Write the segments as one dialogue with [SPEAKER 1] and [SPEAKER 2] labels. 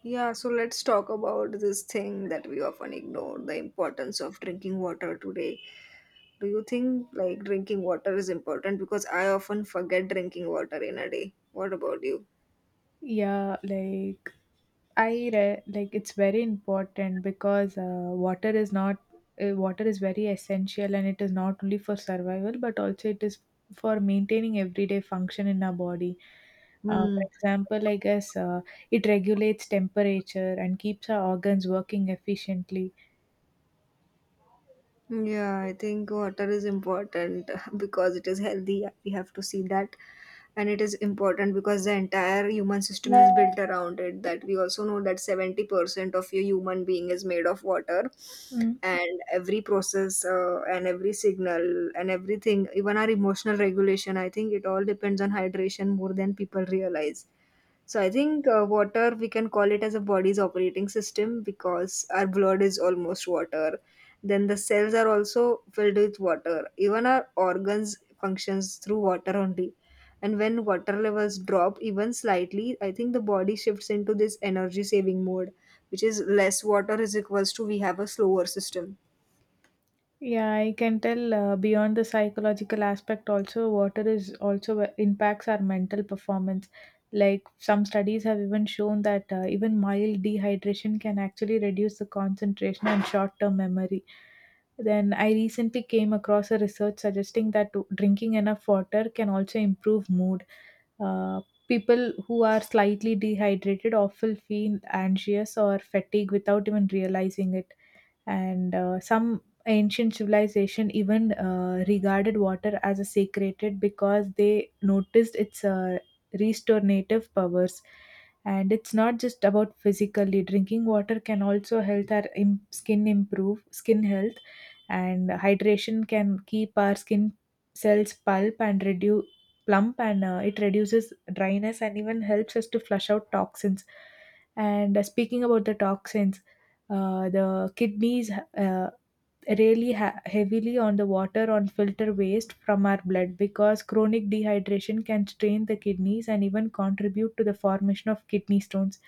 [SPEAKER 1] Yeah, so let's talk about this thing that we often ignore, the importance of drinking water today. Do you think like drinking water is important? Because I often forget drinking water in a day. What about you?
[SPEAKER 2] Yeah, like like it's very important because water is not water is very essential, and it is not only for survival but also it is for maintaining everyday function in our body. For example, I guess, it regulates temperature and keeps our organs working efficiently.
[SPEAKER 1] Yeah, I think water is important because it is healthy. We have to see that. And it is important because the entire human system is built around it. That we also know that 70% of your human being is made of water.
[SPEAKER 2] Mm.
[SPEAKER 1] And every process and every signal and everything, even our emotional regulation, I think it all depends on hydration more than people realize. So I think water we can call it as a body's operating system because our blood is almost water, then the cells are also filled with water. Even our organs functions through water only. And when water levels drop even slightly, I think the body shifts into this energy saving mode, which is less water is equals to we have a slower system.
[SPEAKER 2] Yeah, I can tell, beyond the psychological aspect also, water is also, impacts our mental performance. Like some studies have even shown that even mild dehydration can actually reduce the concentration and short term memory. Then I recently came across a research suggesting that drinking enough water can also improve mood. Uh, People who are slightly dehydrated often feel anxious or fatigued without even realizing it, and some ancient civilization even regarded water as a sacred because they noticed its restorative powers. And it's not just about physically drinking water, can also help our skin, improve skin health. And hydration can keep our skin cells pulp and reduce plump, and it reduces dryness and even helps us to flush out toxins. And speaking about the toxins, the kidneys uh, really heavily on the water on filter waste from our blood, because chronic dehydration can strain the kidneys and even contribute to the formation of kidney stones.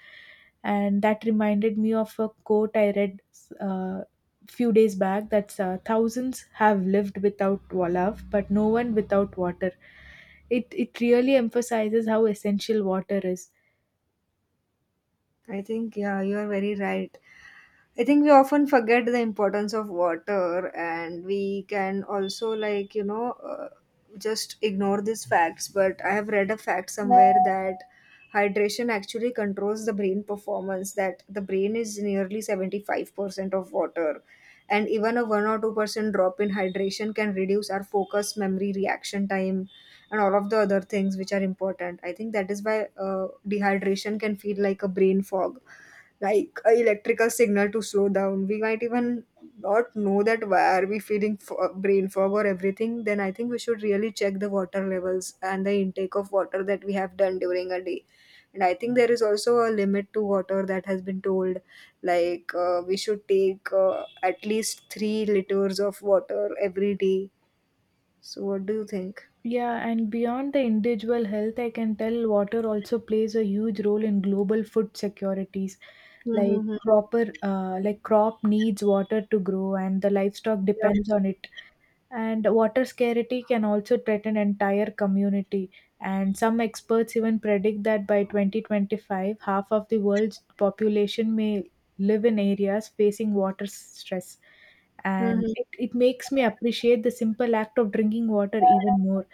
[SPEAKER 2] And that reminded me of a quote I read, uh, few days back, that's, thousands have lived without love, but no one without water. It really emphasizes how essential water is.
[SPEAKER 1] I think yeah, you are very right. I think we often forget the importance of water, and we can also, like, just ignore these facts. But I have read a fact somewhere that hydration actually controls the brain performance, that the brain is nearly 75% of water. And even a 1 or 2% drop in hydration can reduce our focus, memory, reaction time, and all of the other things which are important. I think that is why dehydration can feel like a brain fog like a electrical signal to slow down. We might even not know that why are we feeling brain fog or everything. Then I think we should really check the water levels and the intake of water that we have done during a day. And I think there is also a limit to water that has been told. Like we should take at least 3 liters of water every day. So what do you think?
[SPEAKER 2] Yeah, and beyond the individual health, I can tell water also plays a huge role in global food securities. Like
[SPEAKER 1] Mm-hmm.
[SPEAKER 2] cropper, uh, like crop needs water to grow, and the livestock
[SPEAKER 1] Yeah.
[SPEAKER 2] depends on it. And water scarcity can also threaten entire community. And some experts even predict that by 2025, half of the world's population may live in areas facing water stress. And
[SPEAKER 1] Mm-hmm.
[SPEAKER 2] it makes me appreciate the simple act of drinking water even more.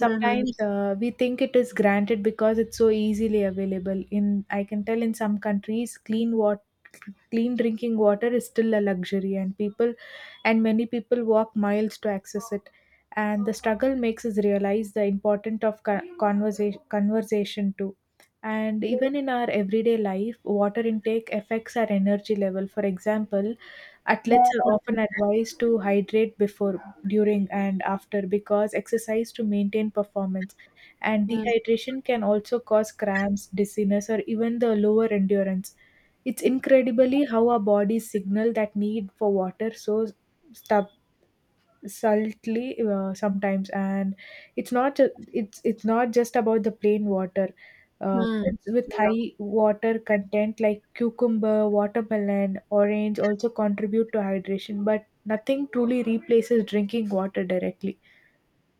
[SPEAKER 1] Mm-hmm.
[SPEAKER 2] we think it is granted because it's so easily available. In I can tell in some countries, clean drinking water is still a luxury, and people, and many people walk miles to access it. And the struggle makes us realize the importance of conversation too. And even in our everyday life, water intake affects our energy level. For example,
[SPEAKER 1] Yeah.
[SPEAKER 2] athletes are often advised to hydrate before, during and after, because exercise to maintain performance. And dehydration can also cause cramps, dizziness, or even the lower endurance. It's incredibly how our bodies signal that need for water, so stub- saltly, sometimes. And it's not ju- it's not just about the plain water. Foods with
[SPEAKER 1] Mm-hmm.
[SPEAKER 2] high water content like cucumber, watermelon, orange also contribute to hydration, but nothing truly replaces drinking water directly.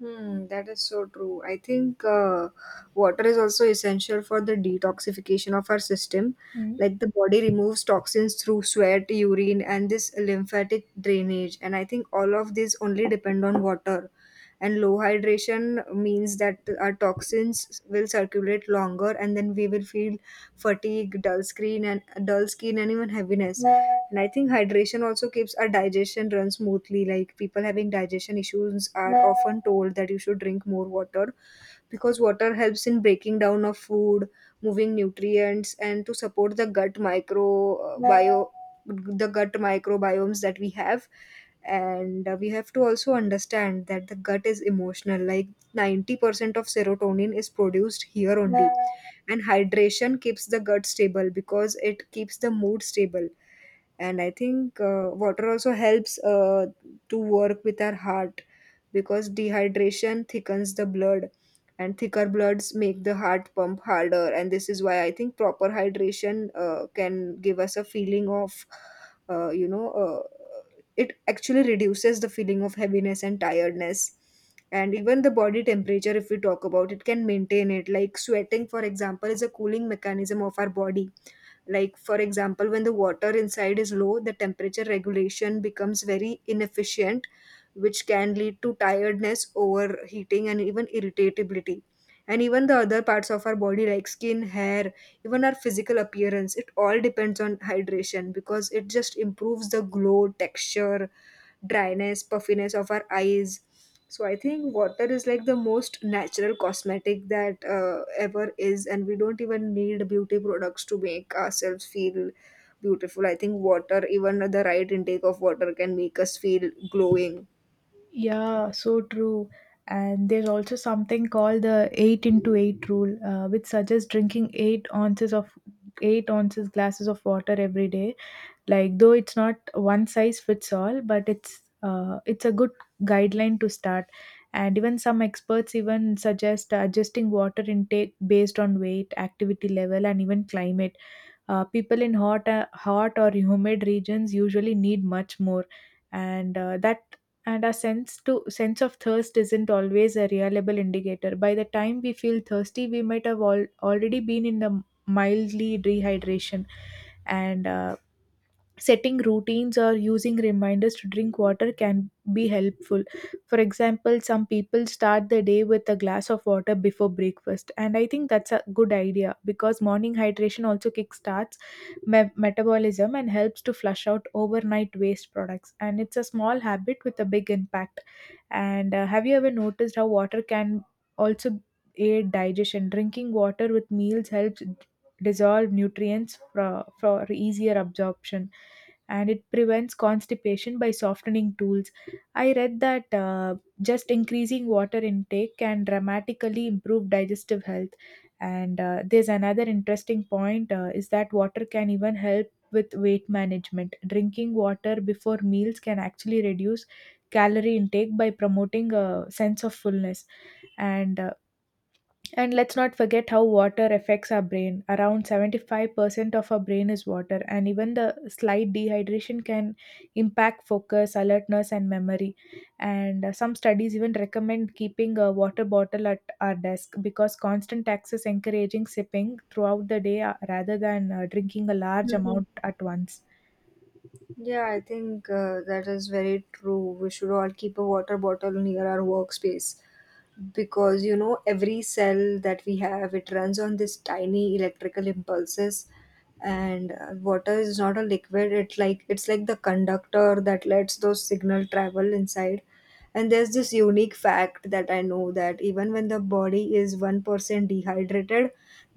[SPEAKER 1] Hmm, that is so true. I think water is also essential for the detoxification of our system.
[SPEAKER 2] Mm.
[SPEAKER 1] Like the body removes toxins through sweat, urine, and this lymphatic drainage. And I think all of these only depend on water and low hydration means that our toxins will circulate longer and then we will feel fatigue dull screen and dull skin and even heaviness. And I think hydration also keeps our digestion run smoothly, like people having digestion issues are often told that you should drink more water because water helps in breaking down of food, moving nutrients and to support the gut microbiome, the gut microbiomes that we have. And we have to also understand that the gut is emotional, like 90% of serotonin is produced here only, and hydration keeps the gut stable because it keeps the mood stable. And I think water also helps to work with our heart because dehydration thickens the blood, and thicker bloods make the heart pump harder. And this is why I think proper hydration can give us a feeling of uh, you know uh, it actually reduces the feeling of heaviness and tiredness. And even the body temperature, if we talk about it, can maintain it, like sweating for example is a cooling mechanism of our body. Like, for example, when the water inside is low, the temperature regulation becomes very inefficient, which can lead to tiredness, overheating, and even irritability. And even the other parts of our body, like skin, hair, even our physical appearance, it all depends on hydration because it just improves the glow, texture, dryness, puffiness of our eyes. So I think water is like the most natural cosmetic that ever is, and we don't even need beauty products to make ourselves feel beautiful. I think water, even the right intake of water, can make us feel glowing.
[SPEAKER 2] Yeah, so true. And there's also something called the 8 into 8 rule, which suggests drinking 8 ounces of 8 ounces glasses of water every day. Like, though it's not one size fits all, but it's a good guideline to start. And even some experts even suggest adjusting water intake based on weight, activity level, and even climate. People in hot or humid regions usually need much more. And uh, that and our sense of thirst isn't always a reliable indicator. By the time we feel thirsty, we might have already been in the mildly dehydration. And setting routines or using reminders to drink water can be helpful. For example, some people start the day with a glass of water before breakfast, and I think that's a good idea because morning hydration also kickstarts metabolism and helps to flush out overnight waste products, and it's a small habit with a big impact. And have you ever noticed how water can also aid digestion? Drinking water with meals helps dissolve nutrients for easier absorption, and it prevents constipation by softening stools. I read that just increasing water intake can dramatically improve digestive health. And there's another interesting point, is that water can even help with weight management. Drinking water before meals can actually reduce calorie intake by promoting a sense of fullness. And and let's not forget how water affects our brain. Around 75% of our brain is water, and even the slight dehydration can impact focus, alertness, and memory. And some studies even recommend keeping a water bottle at our desk, because constant access encouraging sipping throughout the day rather than drinking a large amount at once.
[SPEAKER 1] Yeah, I think that is very true. We should all keep a water bottle near our workspace because you know every cell that we have, it runs on this tiny electrical impulses. And water is not a liquid, it like it's like the conductor that lets those signal travel inside. And there's this unique fact that I know, that even when the body is 1% dehydrated,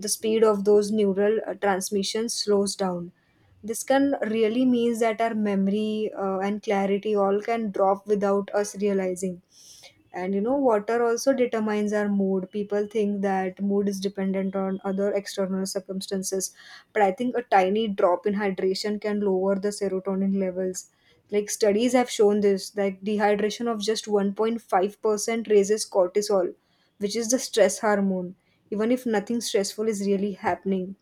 [SPEAKER 1] the speed of those neural transmissions slows down. This can really means that our memory and clarity all can drop without us realizing. And you know, water also determines our mood. People think that mood is dependent on other external circumstances, but I think a tiny drop in hydration can lower the serotonin levels. Like studies have shown this, like dehydration of just 1.5% raises cortisol, which is the stress hormone, even if nothing stressful is really happening.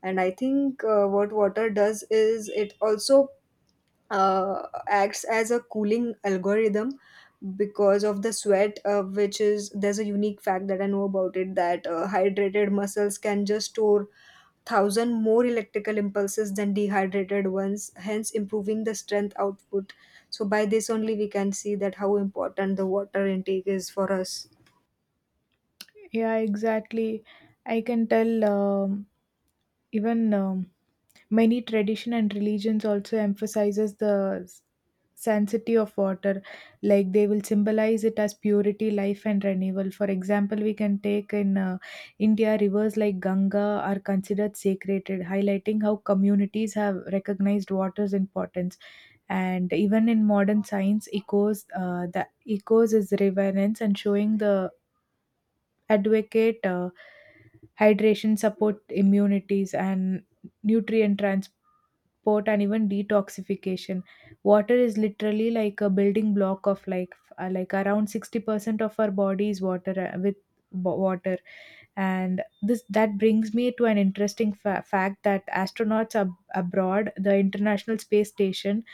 [SPEAKER 1] And I think what water does is it also uh, acts as a cooling algorithm because of the sweat, which is there's a unique fact that I know about it, that hydrated muscles can just store thousand more electrical impulses than dehydrated ones, hence improving the strength output. So by this only we can see that how important the water intake is for us.
[SPEAKER 2] Yeah, exactly. I can tell, even many tradition and religions also emphasizes the sanctity of water, like they will symbolize it as purity, life, and renewal. For example, we can take in, India, rivers like Ganga are considered sacred, highlighting how communities have recognized water's importance. And even in modern science echoes, the echoes is reverence, and showing the advocate, hydration support immunities and nutrient transport, sport, and even detoxification. Water is literally like a building block of, like around 60% of our body is water, with water. And this that brings me to an interesting fact, that astronauts abroad the International Space Station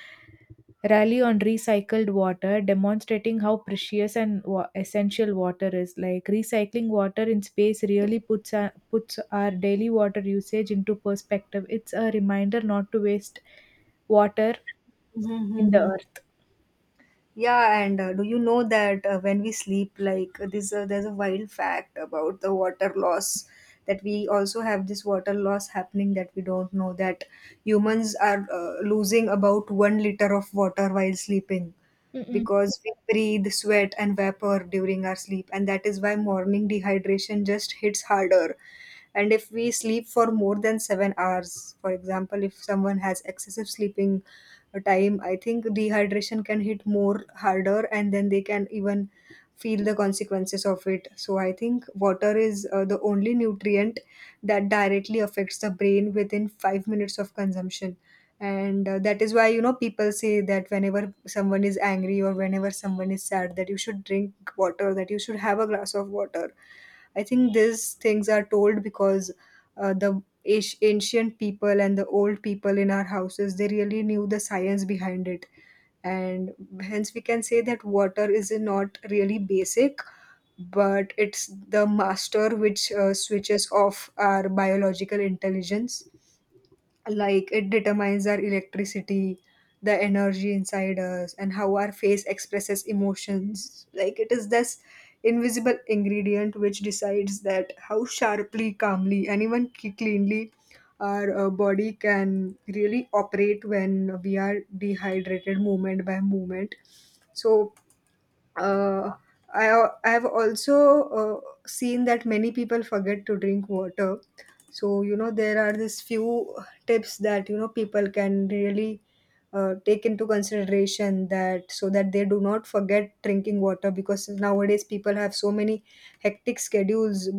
[SPEAKER 2] rally on recycled water, demonstrating how precious and essential water is. Like recycling water in space really puts our daily water usage into perspective. It's a reminder not to waste water in the
[SPEAKER 1] Mm-hmm.
[SPEAKER 2] earth.
[SPEAKER 1] Yeah, and do you know that when we sleep, like, there's a wild fact about the water loss, that we also have this water loss happening that we don't know, that humans are losing about 1 liter of water while sleeping,
[SPEAKER 2] Mm-mm.
[SPEAKER 1] because we breathe sweat and vapor during our sleep. And that is why morning dehydration just hits harder, and if we sleep for more than 7 hours, for example, if someone has excessive sleeping time, I think dehydration can hit more harder and then they can even feel the consequences of it. So I think water is the only nutrient that directly affects the brain within 5 minutes of consumption. And that is why you know people say that whenever someone is angry or whenever someone is sad, that you should drink water, that you should have a glass of water. I think these things are told because uh, the ancient people and the old people in our houses, they really knew the science behind it. And hence we can say that water is not really basic, but it's the master which switches off our biological intelligence. Like it determines our electricity, the energy inside us, and how our face expresses emotions. Like it is this invisible ingredient which decides that how sharply, calmly and even cleanly our body can really operate when we are dehydrated, moment by moment. So uh, I have also seen that many people forget to drink water. So you know there are these few tips that you know people can really take into consideration, that so that they do not forget drinking water, because nowadays people have so many hectic schedules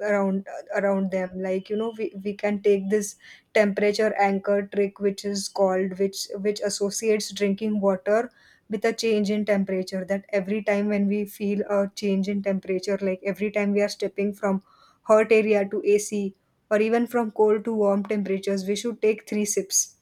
[SPEAKER 1] around them. Like you know we can take this temperature anchor trick, which is called, which associates drinking water with a change in temperature, that every time when we feel a change in temperature, like every time we are stepping from hot area to ac, or even from cold to warm temperatures, we should take three sips.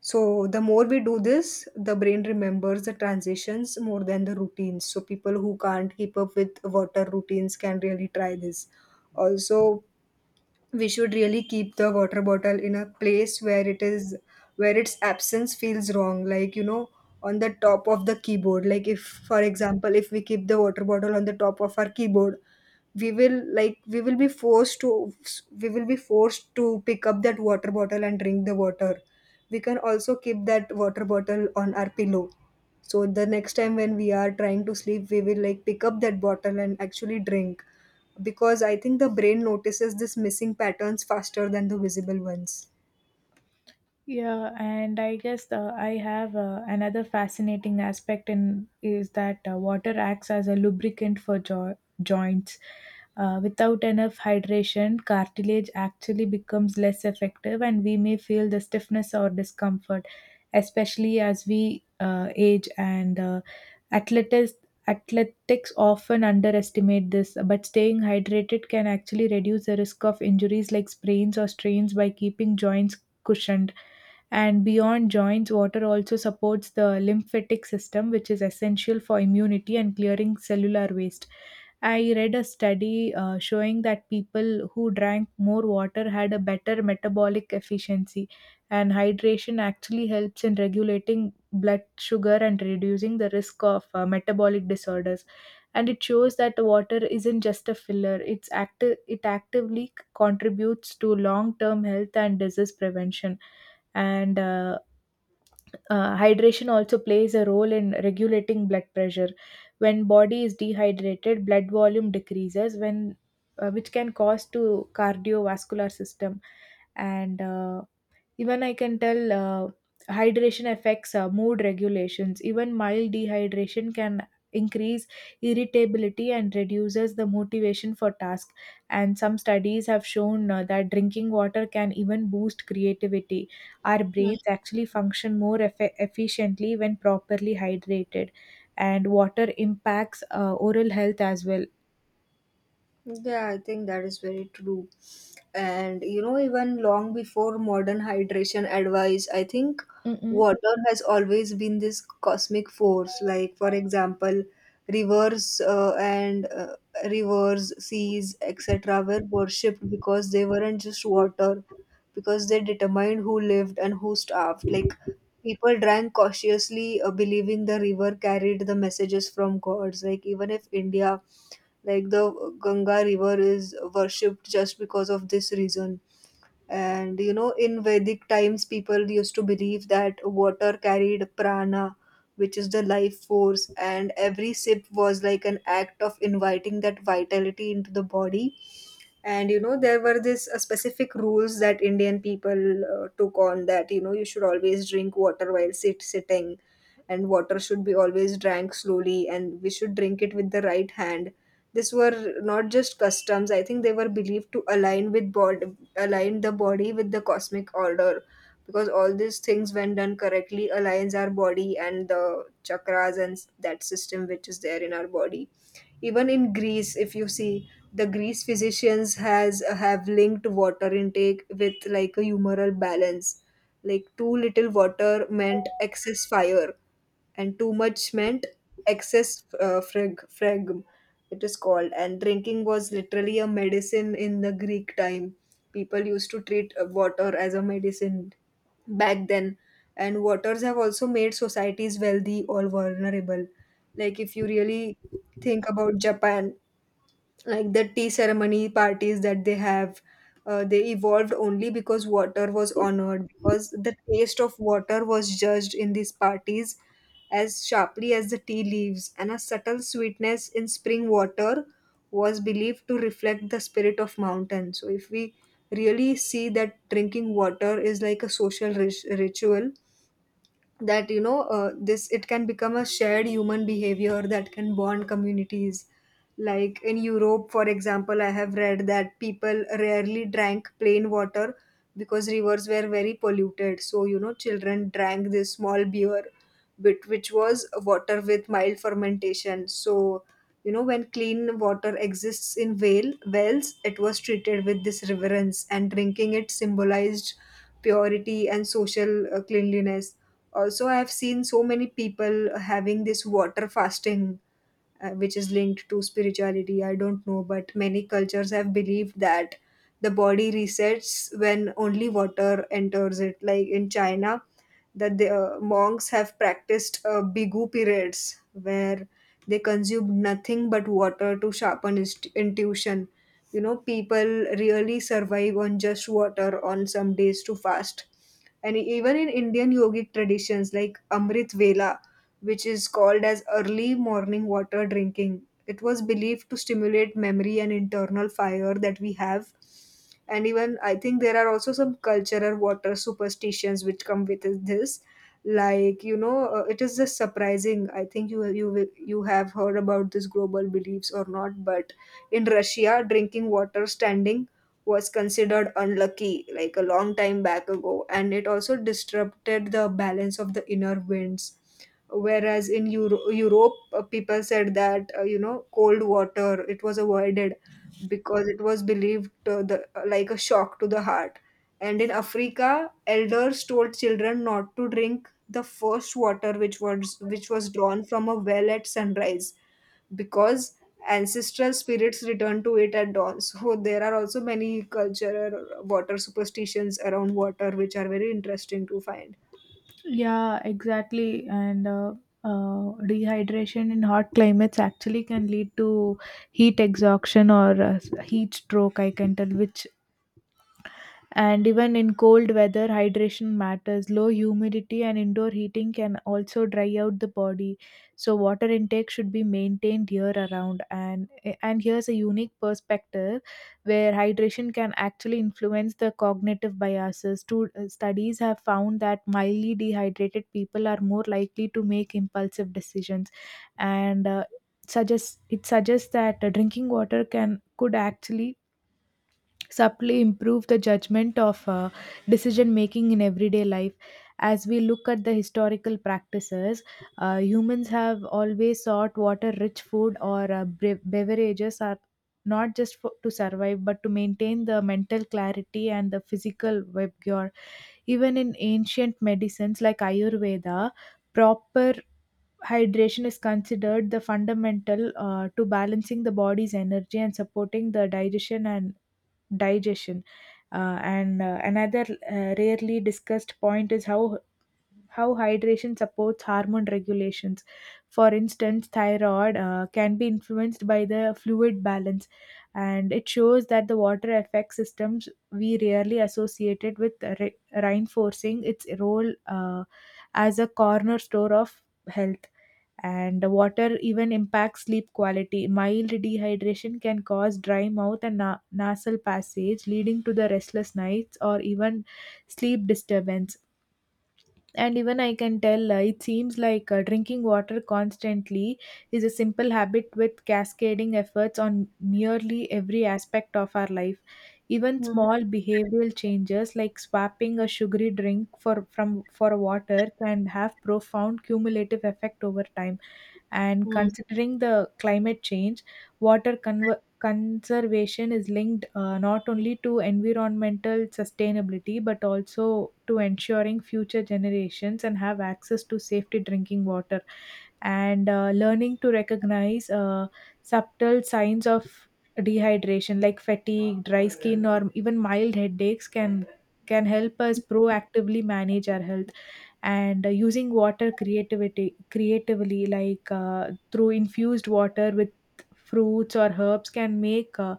[SPEAKER 1] So the more we do this, the brain remembers the transitions more than the routines, so people who can't keep up with water routines can really try this. Also, we should really keep the water bottle in a place where it is, where its absence feels wrong, like you know on the top of the keyboard. Like if for example if we keep the water bottle on the top of our keyboard, we will like we will be forced to pick up that water bottle and drink the water. We can also keep that water bottle on our pillow, so the next time when we are trying to sleep we will like pick up that bottle and actually drink, because I think the brain notices this missing patterns faster than the visible ones.
[SPEAKER 2] Yeah, and I guess I have another fascinating aspect in is that water acts as a lubricant for joints. Without enough hydration, cartilage actually becomes less effective, and we may feel the stiffness or discomfort, especially as we age. And athletics athletics often underestimate this, but staying hydrated can actually reduce the risk of injuries like sprains or strains by keeping joints cushioned. And beyond joints, water also supports the lymphatic system, which is essential for immunity and clearing cellular waste. I read a study showing that people who drank more water had a better metabolic efficiency, and hydration actually helps in regulating blood sugar and reducing the risk of metabolic disorders. And it shows that water isn't just a filler, it's active, it actively contributes to long term health and disease prevention. And hydration also plays a role in regulating blood pressure. When body is dehydrated, blood volume decreases, when which can cause to cardiovascular system. And even I can tell, hydration affects mood regulations. Even mild dehydration can increase irritability and reduces the motivation for task. And some studies have shown that drinking water can even boost creativity. Our
[SPEAKER 1] Mm.
[SPEAKER 2] brains actually function more efficiently when properly hydrated. And water impacts oral health as well.
[SPEAKER 1] Yeah, I think that is very true. And you know, even long before modern hydration advice, I think
[SPEAKER 2] Mm-mm.
[SPEAKER 1] water has always been this cosmic force, like for example rivers and rivers, seas, etc. were worshipped because they weren't just water, because they determined who lived and who starved. Like people drank cautiously, believing the river carried the messages from gods. Like even if india, like the ganga river is worshipped just because of this reason. And you know, in Vedic times, people used to believe that water carried prana, which is the life force, and every sip was like an act of inviting that vitality into the body. And you know, there were this specific rules that indian people took on that, you know, you should always drink water while sitting, and water should be always drank slowly, and we should drink it with the right hand. These were not just customs. I think they were believed to align with bod align the body with the cosmic order, because all these things when done correctly aligns our body and the chakras and that system which is there in our body. Even in greece, if you see, the greece physicians has have linked water intake with like a humoral balance. Like too little water meant excess fire, and too much meant excess fragm, it is called, and drinking was literally a medicine in the greek time. People used to treat water as a medicine back then. And waters have also made societies wealthy or vulnerable. Like if you really think about japan, like the tea ceremony parties that they have, they evolved only because water was honored, because the taste of water was judged in these parties as sharply as the tea leaves, and a subtle sweetness in spring water was believed to reflect the spirit of mountain. So if we really see that, drinking water is like a social ritual, that you know, this, it can become a shared human behavior that can bond communities. Like in europe, for example, I have read that people rarely drank plain water because rivers were very polluted, so you know, children drank this small beer, which was water with mild fermentation. So you know, when clean water exists in whale wells, it was treated with this reverence, and drinking it symbolized purity and social cleanliness. Also, I have seen so many people having this water fasting, which is linked to spirituality. I don't know, but many cultures have believed that the body resets when only water enters it. Like in China, that the monks have practiced bigu periods, where they consumed nothing but water to sharpen intuition. You know, people really survive on just water on some days to fast. And even in indian yogic traditions, like amrit vela, which is called as early morning water drinking, it was believed to stimulate memory and internal fire that we have. And even I think there are also some cultural water superstitions which come with this. Like you know, it is just surprising. I think you have heard about this global beliefs or not, but in Russia, drinking water standing was considered unlucky, like a long time back ago, and it also disrupted the balance of the inner winds. Whereas in Europe, people said that you know, cold water, it was avoided because it was believed, like a shock to the heart. And in Africa, elders told children not to drink the first water which was drawn from a well at sunrise, because ancestral spirits return to it at dawn. So there are also many cultural water superstitions around water which are very interesting to find.
[SPEAKER 2] Yeah, exactly. And dehydration in hot climates actually can lead to heat exhaustion or heat stroke, I can tell, which, and even in cold weather, hydration matters. Low humidity and indoor heating can also dry out the body. So water intake should be maintained year around. And here's a unique perspective where hydration can actually influence the cognitive biases. Two studies have found that mildly dehydrated people are more likely to make impulsive decisions, and suggests that drinking water can could actually subtly improve the judgment of decision making in everyday life. As we look at the historical practices, humans have always sought water rich food or beverages, are not just to survive, but to maintain the mental clarity and the physical vigor. Even in ancient medicines like Ayurveda, proper hydration is considered the fundamental to balancing the body's energy and supporting the digestion. And another, rarely discussed point is how hydration supports hormone regulations. For instance, thyroid can be influenced by the fluid balance, and it shows that the water affects systems we rarely associated with, re- reinforcing its role as a corner store of health. And the water even impacts sleep quality. Mild dehydration can cause dry mouth and nasal passage, leading to the restless nights or even sleep disturbance. And even I can tell, it seems like drinking water constantly is a simple habit with cascading efforts on nearly every aspect of our life. Even
[SPEAKER 1] Mm-hmm.
[SPEAKER 2] small behavioral changes like swapping a sugary drink for water can have profound cumulative effect over time. And considering the climate change, water conservation is linked not only to environmental sustainability, but also to ensuring future generations and have access to safety drinking water. And learning to recognize subtle signs of dehydration like fatigue, dry skin, or even mild headaches can help us proactively manage our health. And using water creativity creatively, like through infused water with fruits or herbs, can make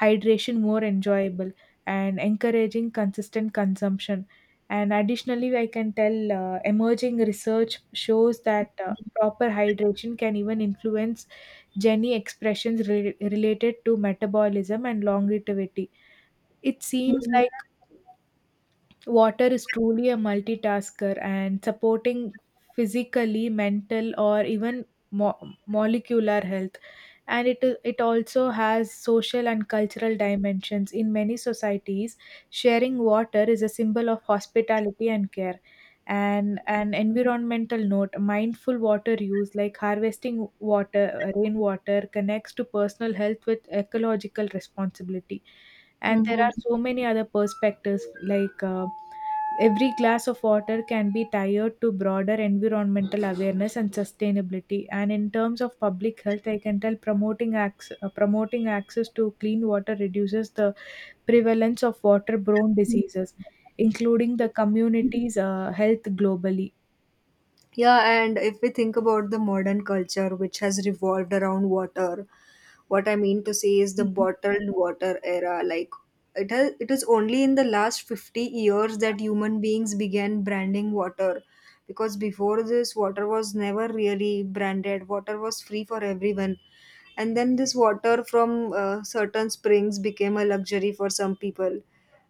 [SPEAKER 2] hydration more enjoyable and encouraging consistent consumption. And additionally, I can tell emerging research shows that proper hydration can even influence gene expressions related to metabolism and longevity. It seems like water is truly a multitasker and supporting physically, mental, or even molecular health. And it also has social and cultural dimensions. In many societies, sharing water is a symbol of hospitality and care. And an environmental note, mindful water use, like harvesting water, rainwater, connects to personal health with ecological responsibility. And there are
[SPEAKER 1] Mm-hmm.
[SPEAKER 2] so many other perspectives like every glass of water can be tied to broader environmental awareness and sustainability. And in terms of public health, I can tell promoting access to clean water reduces the prevalence of water-borne diseases, including the community's health globally.
[SPEAKER 1] Yeah, and if we think about the modern culture, which has revolved around water, what I mean to say is the
[SPEAKER 2] Mhm.
[SPEAKER 1] bottled water era. Like it has, it is only in the last 50 years that human beings began branding water. Because before this, water was never really branded. Water was free for everyone. And then this water from certain springs became a luxury for some people.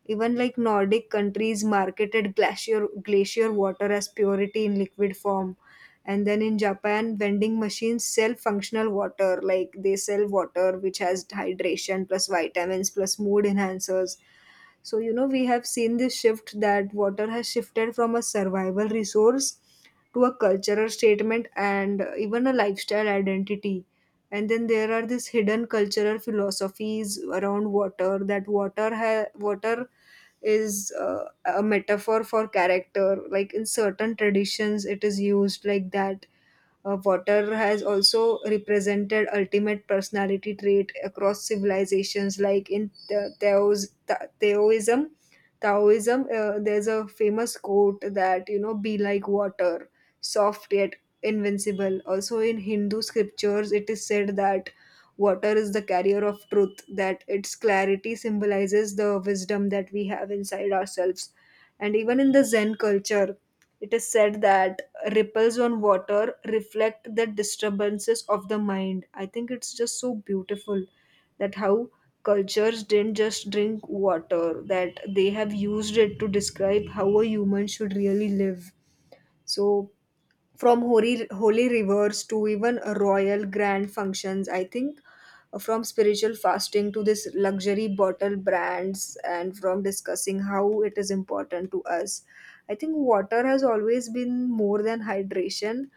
[SPEAKER 1] Even like Nordic countries marketed glacier water as purity in liquid form. And then in Japan, vending machines sell functional water, like they sell water which has hydration plus vitamins plus mood enhancers. So, you know, we have seen this shift that water has shifted from a survival resource to a cultural statement and even a lifestyle identity. And then there are these hidden cultural philosophies around water, that water is a metaphor for character. Like in certain traditions, it is used like that. Water has also represented ultimate personality trait across civilizations, like in the Taoism. Taoism, there's a famous quote that, you know, be like water, soft yet invincible. Also, in Hindu scriptures, it is said that water is the carrier of truth, that its clarity symbolizes the wisdom that we have inside ourselves. And even in the Zen culture, it is said that ripples on water reflect the disturbances of the mind. I think it's just so beautiful that how cultures didn't just drink water, that they have used it to describe how a human should really live. So from holy rivers to even royal grand functions, I think, from spiritual fasting to this luxury bottle brands, and from discussing how it is important to us, I think water has always been more than hydration,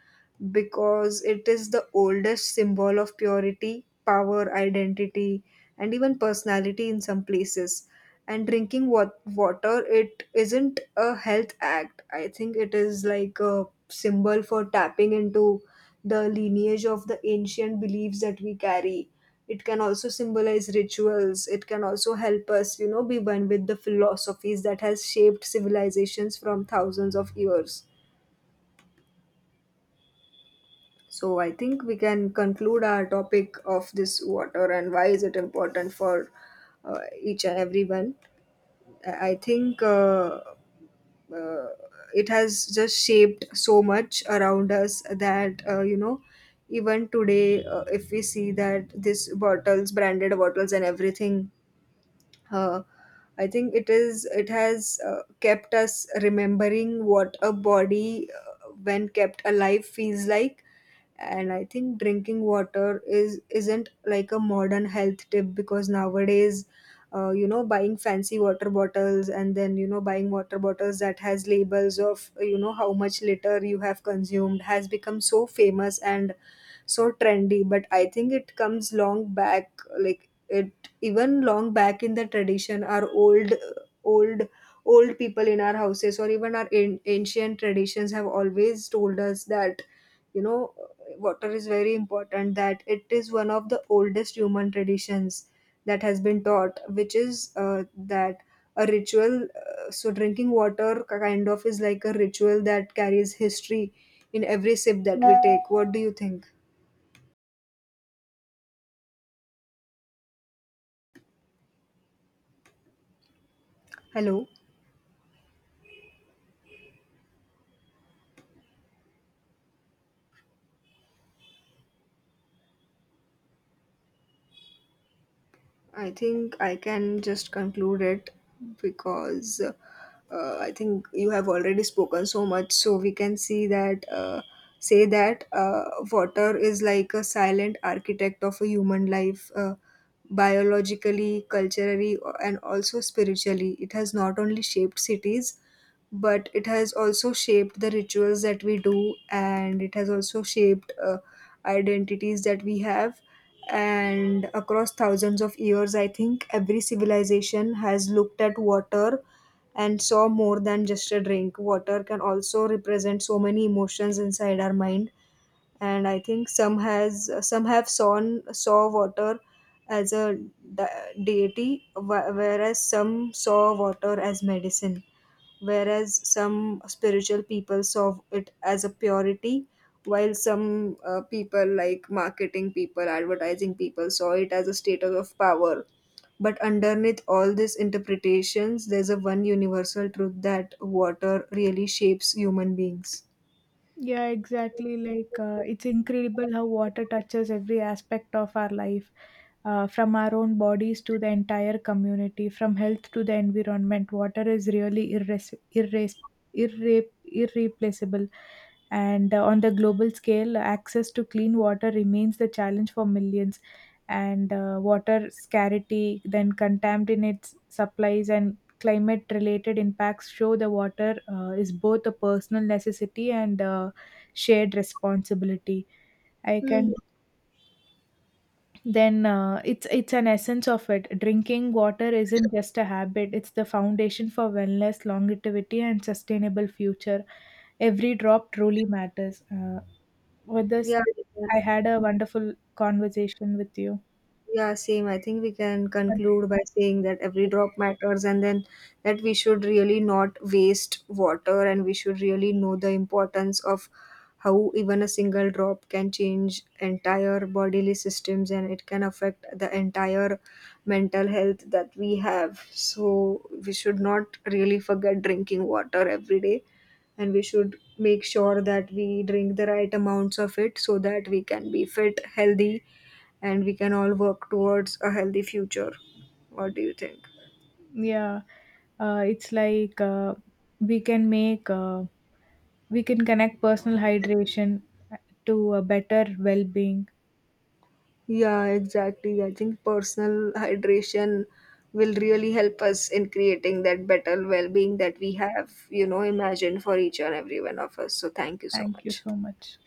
[SPEAKER 1] because it is the oldest symbol of purity, power, identity, and even personality in some places. And drinking water, it isn't a health act. I think it is like a symbol for tapping into the lineage of the ancient beliefs that we carry. It can also symbolize rituals. It can also help us, you know, be one with the philosophies that has shaped civilizations from thousands of years. So I think we can conclude our topic of this water and why is it important for each and everyone. I think, uh, it has just shaped so much around us that, you know, even today, if we see that this bottles branded bottles and everything, uh, I think it is, it has kept us remembering what a body, when kept alive, feels like. And I think drinking water is isn't like a modern health tip, because nowadays, you know, buying fancy water bottles, and then you know, buying water bottles that has labels of, you know, how much litter you have consumed has become so famous and so trendy. But I think it comes long back. Like it, even long back in the tradition, our old old people in our houses or even our ancient traditions have always told us that, you know, water is very important, that it is one of the oldest human traditions that has been taught, which is that a ritual, so drinking water kind of is like a ritual that carries history in every sip that we take. What do you think? Hello. I think I can just conclude it, because I think you have already spoken so much. So we can see that, say that, water is like a silent architect of a human life, biologically, culturally, and also spiritually. It has not only shaped cities, but it has also shaped the rituals that we do, and it has also shaped identities that we have. And across thousands of years, I think every civilization has looked at water and saw more than just a drink. Water can also represent so many emotions inside our mind. And I think some have saw water as a deity, whereas some saw water as medicine, whereas some spiritual people saw it as a purity, while some people, like marketing people, advertising people, saw it as a status of power. But underneath all these interpretations, there's a one universal truth, that water really shapes human beings.
[SPEAKER 2] Yeah, exactly. Like it's incredible how water touches every aspect of our life, from our own bodies to the entire community, from health to the environment. Water is really irreplaceable. And on the global scale, access to clean water remains the challenge for millions. And water scarcity, then contaminates supplies, and climate related impacts show the water is both a personal necessity and shared responsibility. I
[SPEAKER 1] Mhm.
[SPEAKER 2] can Then, it's an essence of it. Drinking water isn't just a habit; it's the foundation for wellness, longevity, and sustainable future. Every drop truly matters. With this,
[SPEAKER 1] Yeah.
[SPEAKER 2] I had a wonderful conversation with you.
[SPEAKER 1] Yeah, same. I think we can
[SPEAKER 2] And,
[SPEAKER 1] conclude by saying that every drop matters, and then that we should really not waste water, and we should really know the importance of how even a single drop can change entire bodily systems, and it can affect the entire mental health that we have. So we should not really forget drinking water every day, and we should make sure that we drink the right amounts of it, so that we can be fit, healthy, and we can all work towards a healthy future. What do you think?
[SPEAKER 2] yeah, it's like, we can make uh, we can connect personal hydration to a better well-being.
[SPEAKER 1] Yeah, exactly. I think personal hydration will really help us in creating that better well being that we have, you know, imagined for each and every one of us. So, thank you so
[SPEAKER 2] Thank you
[SPEAKER 1] much.
[SPEAKER 2] so much.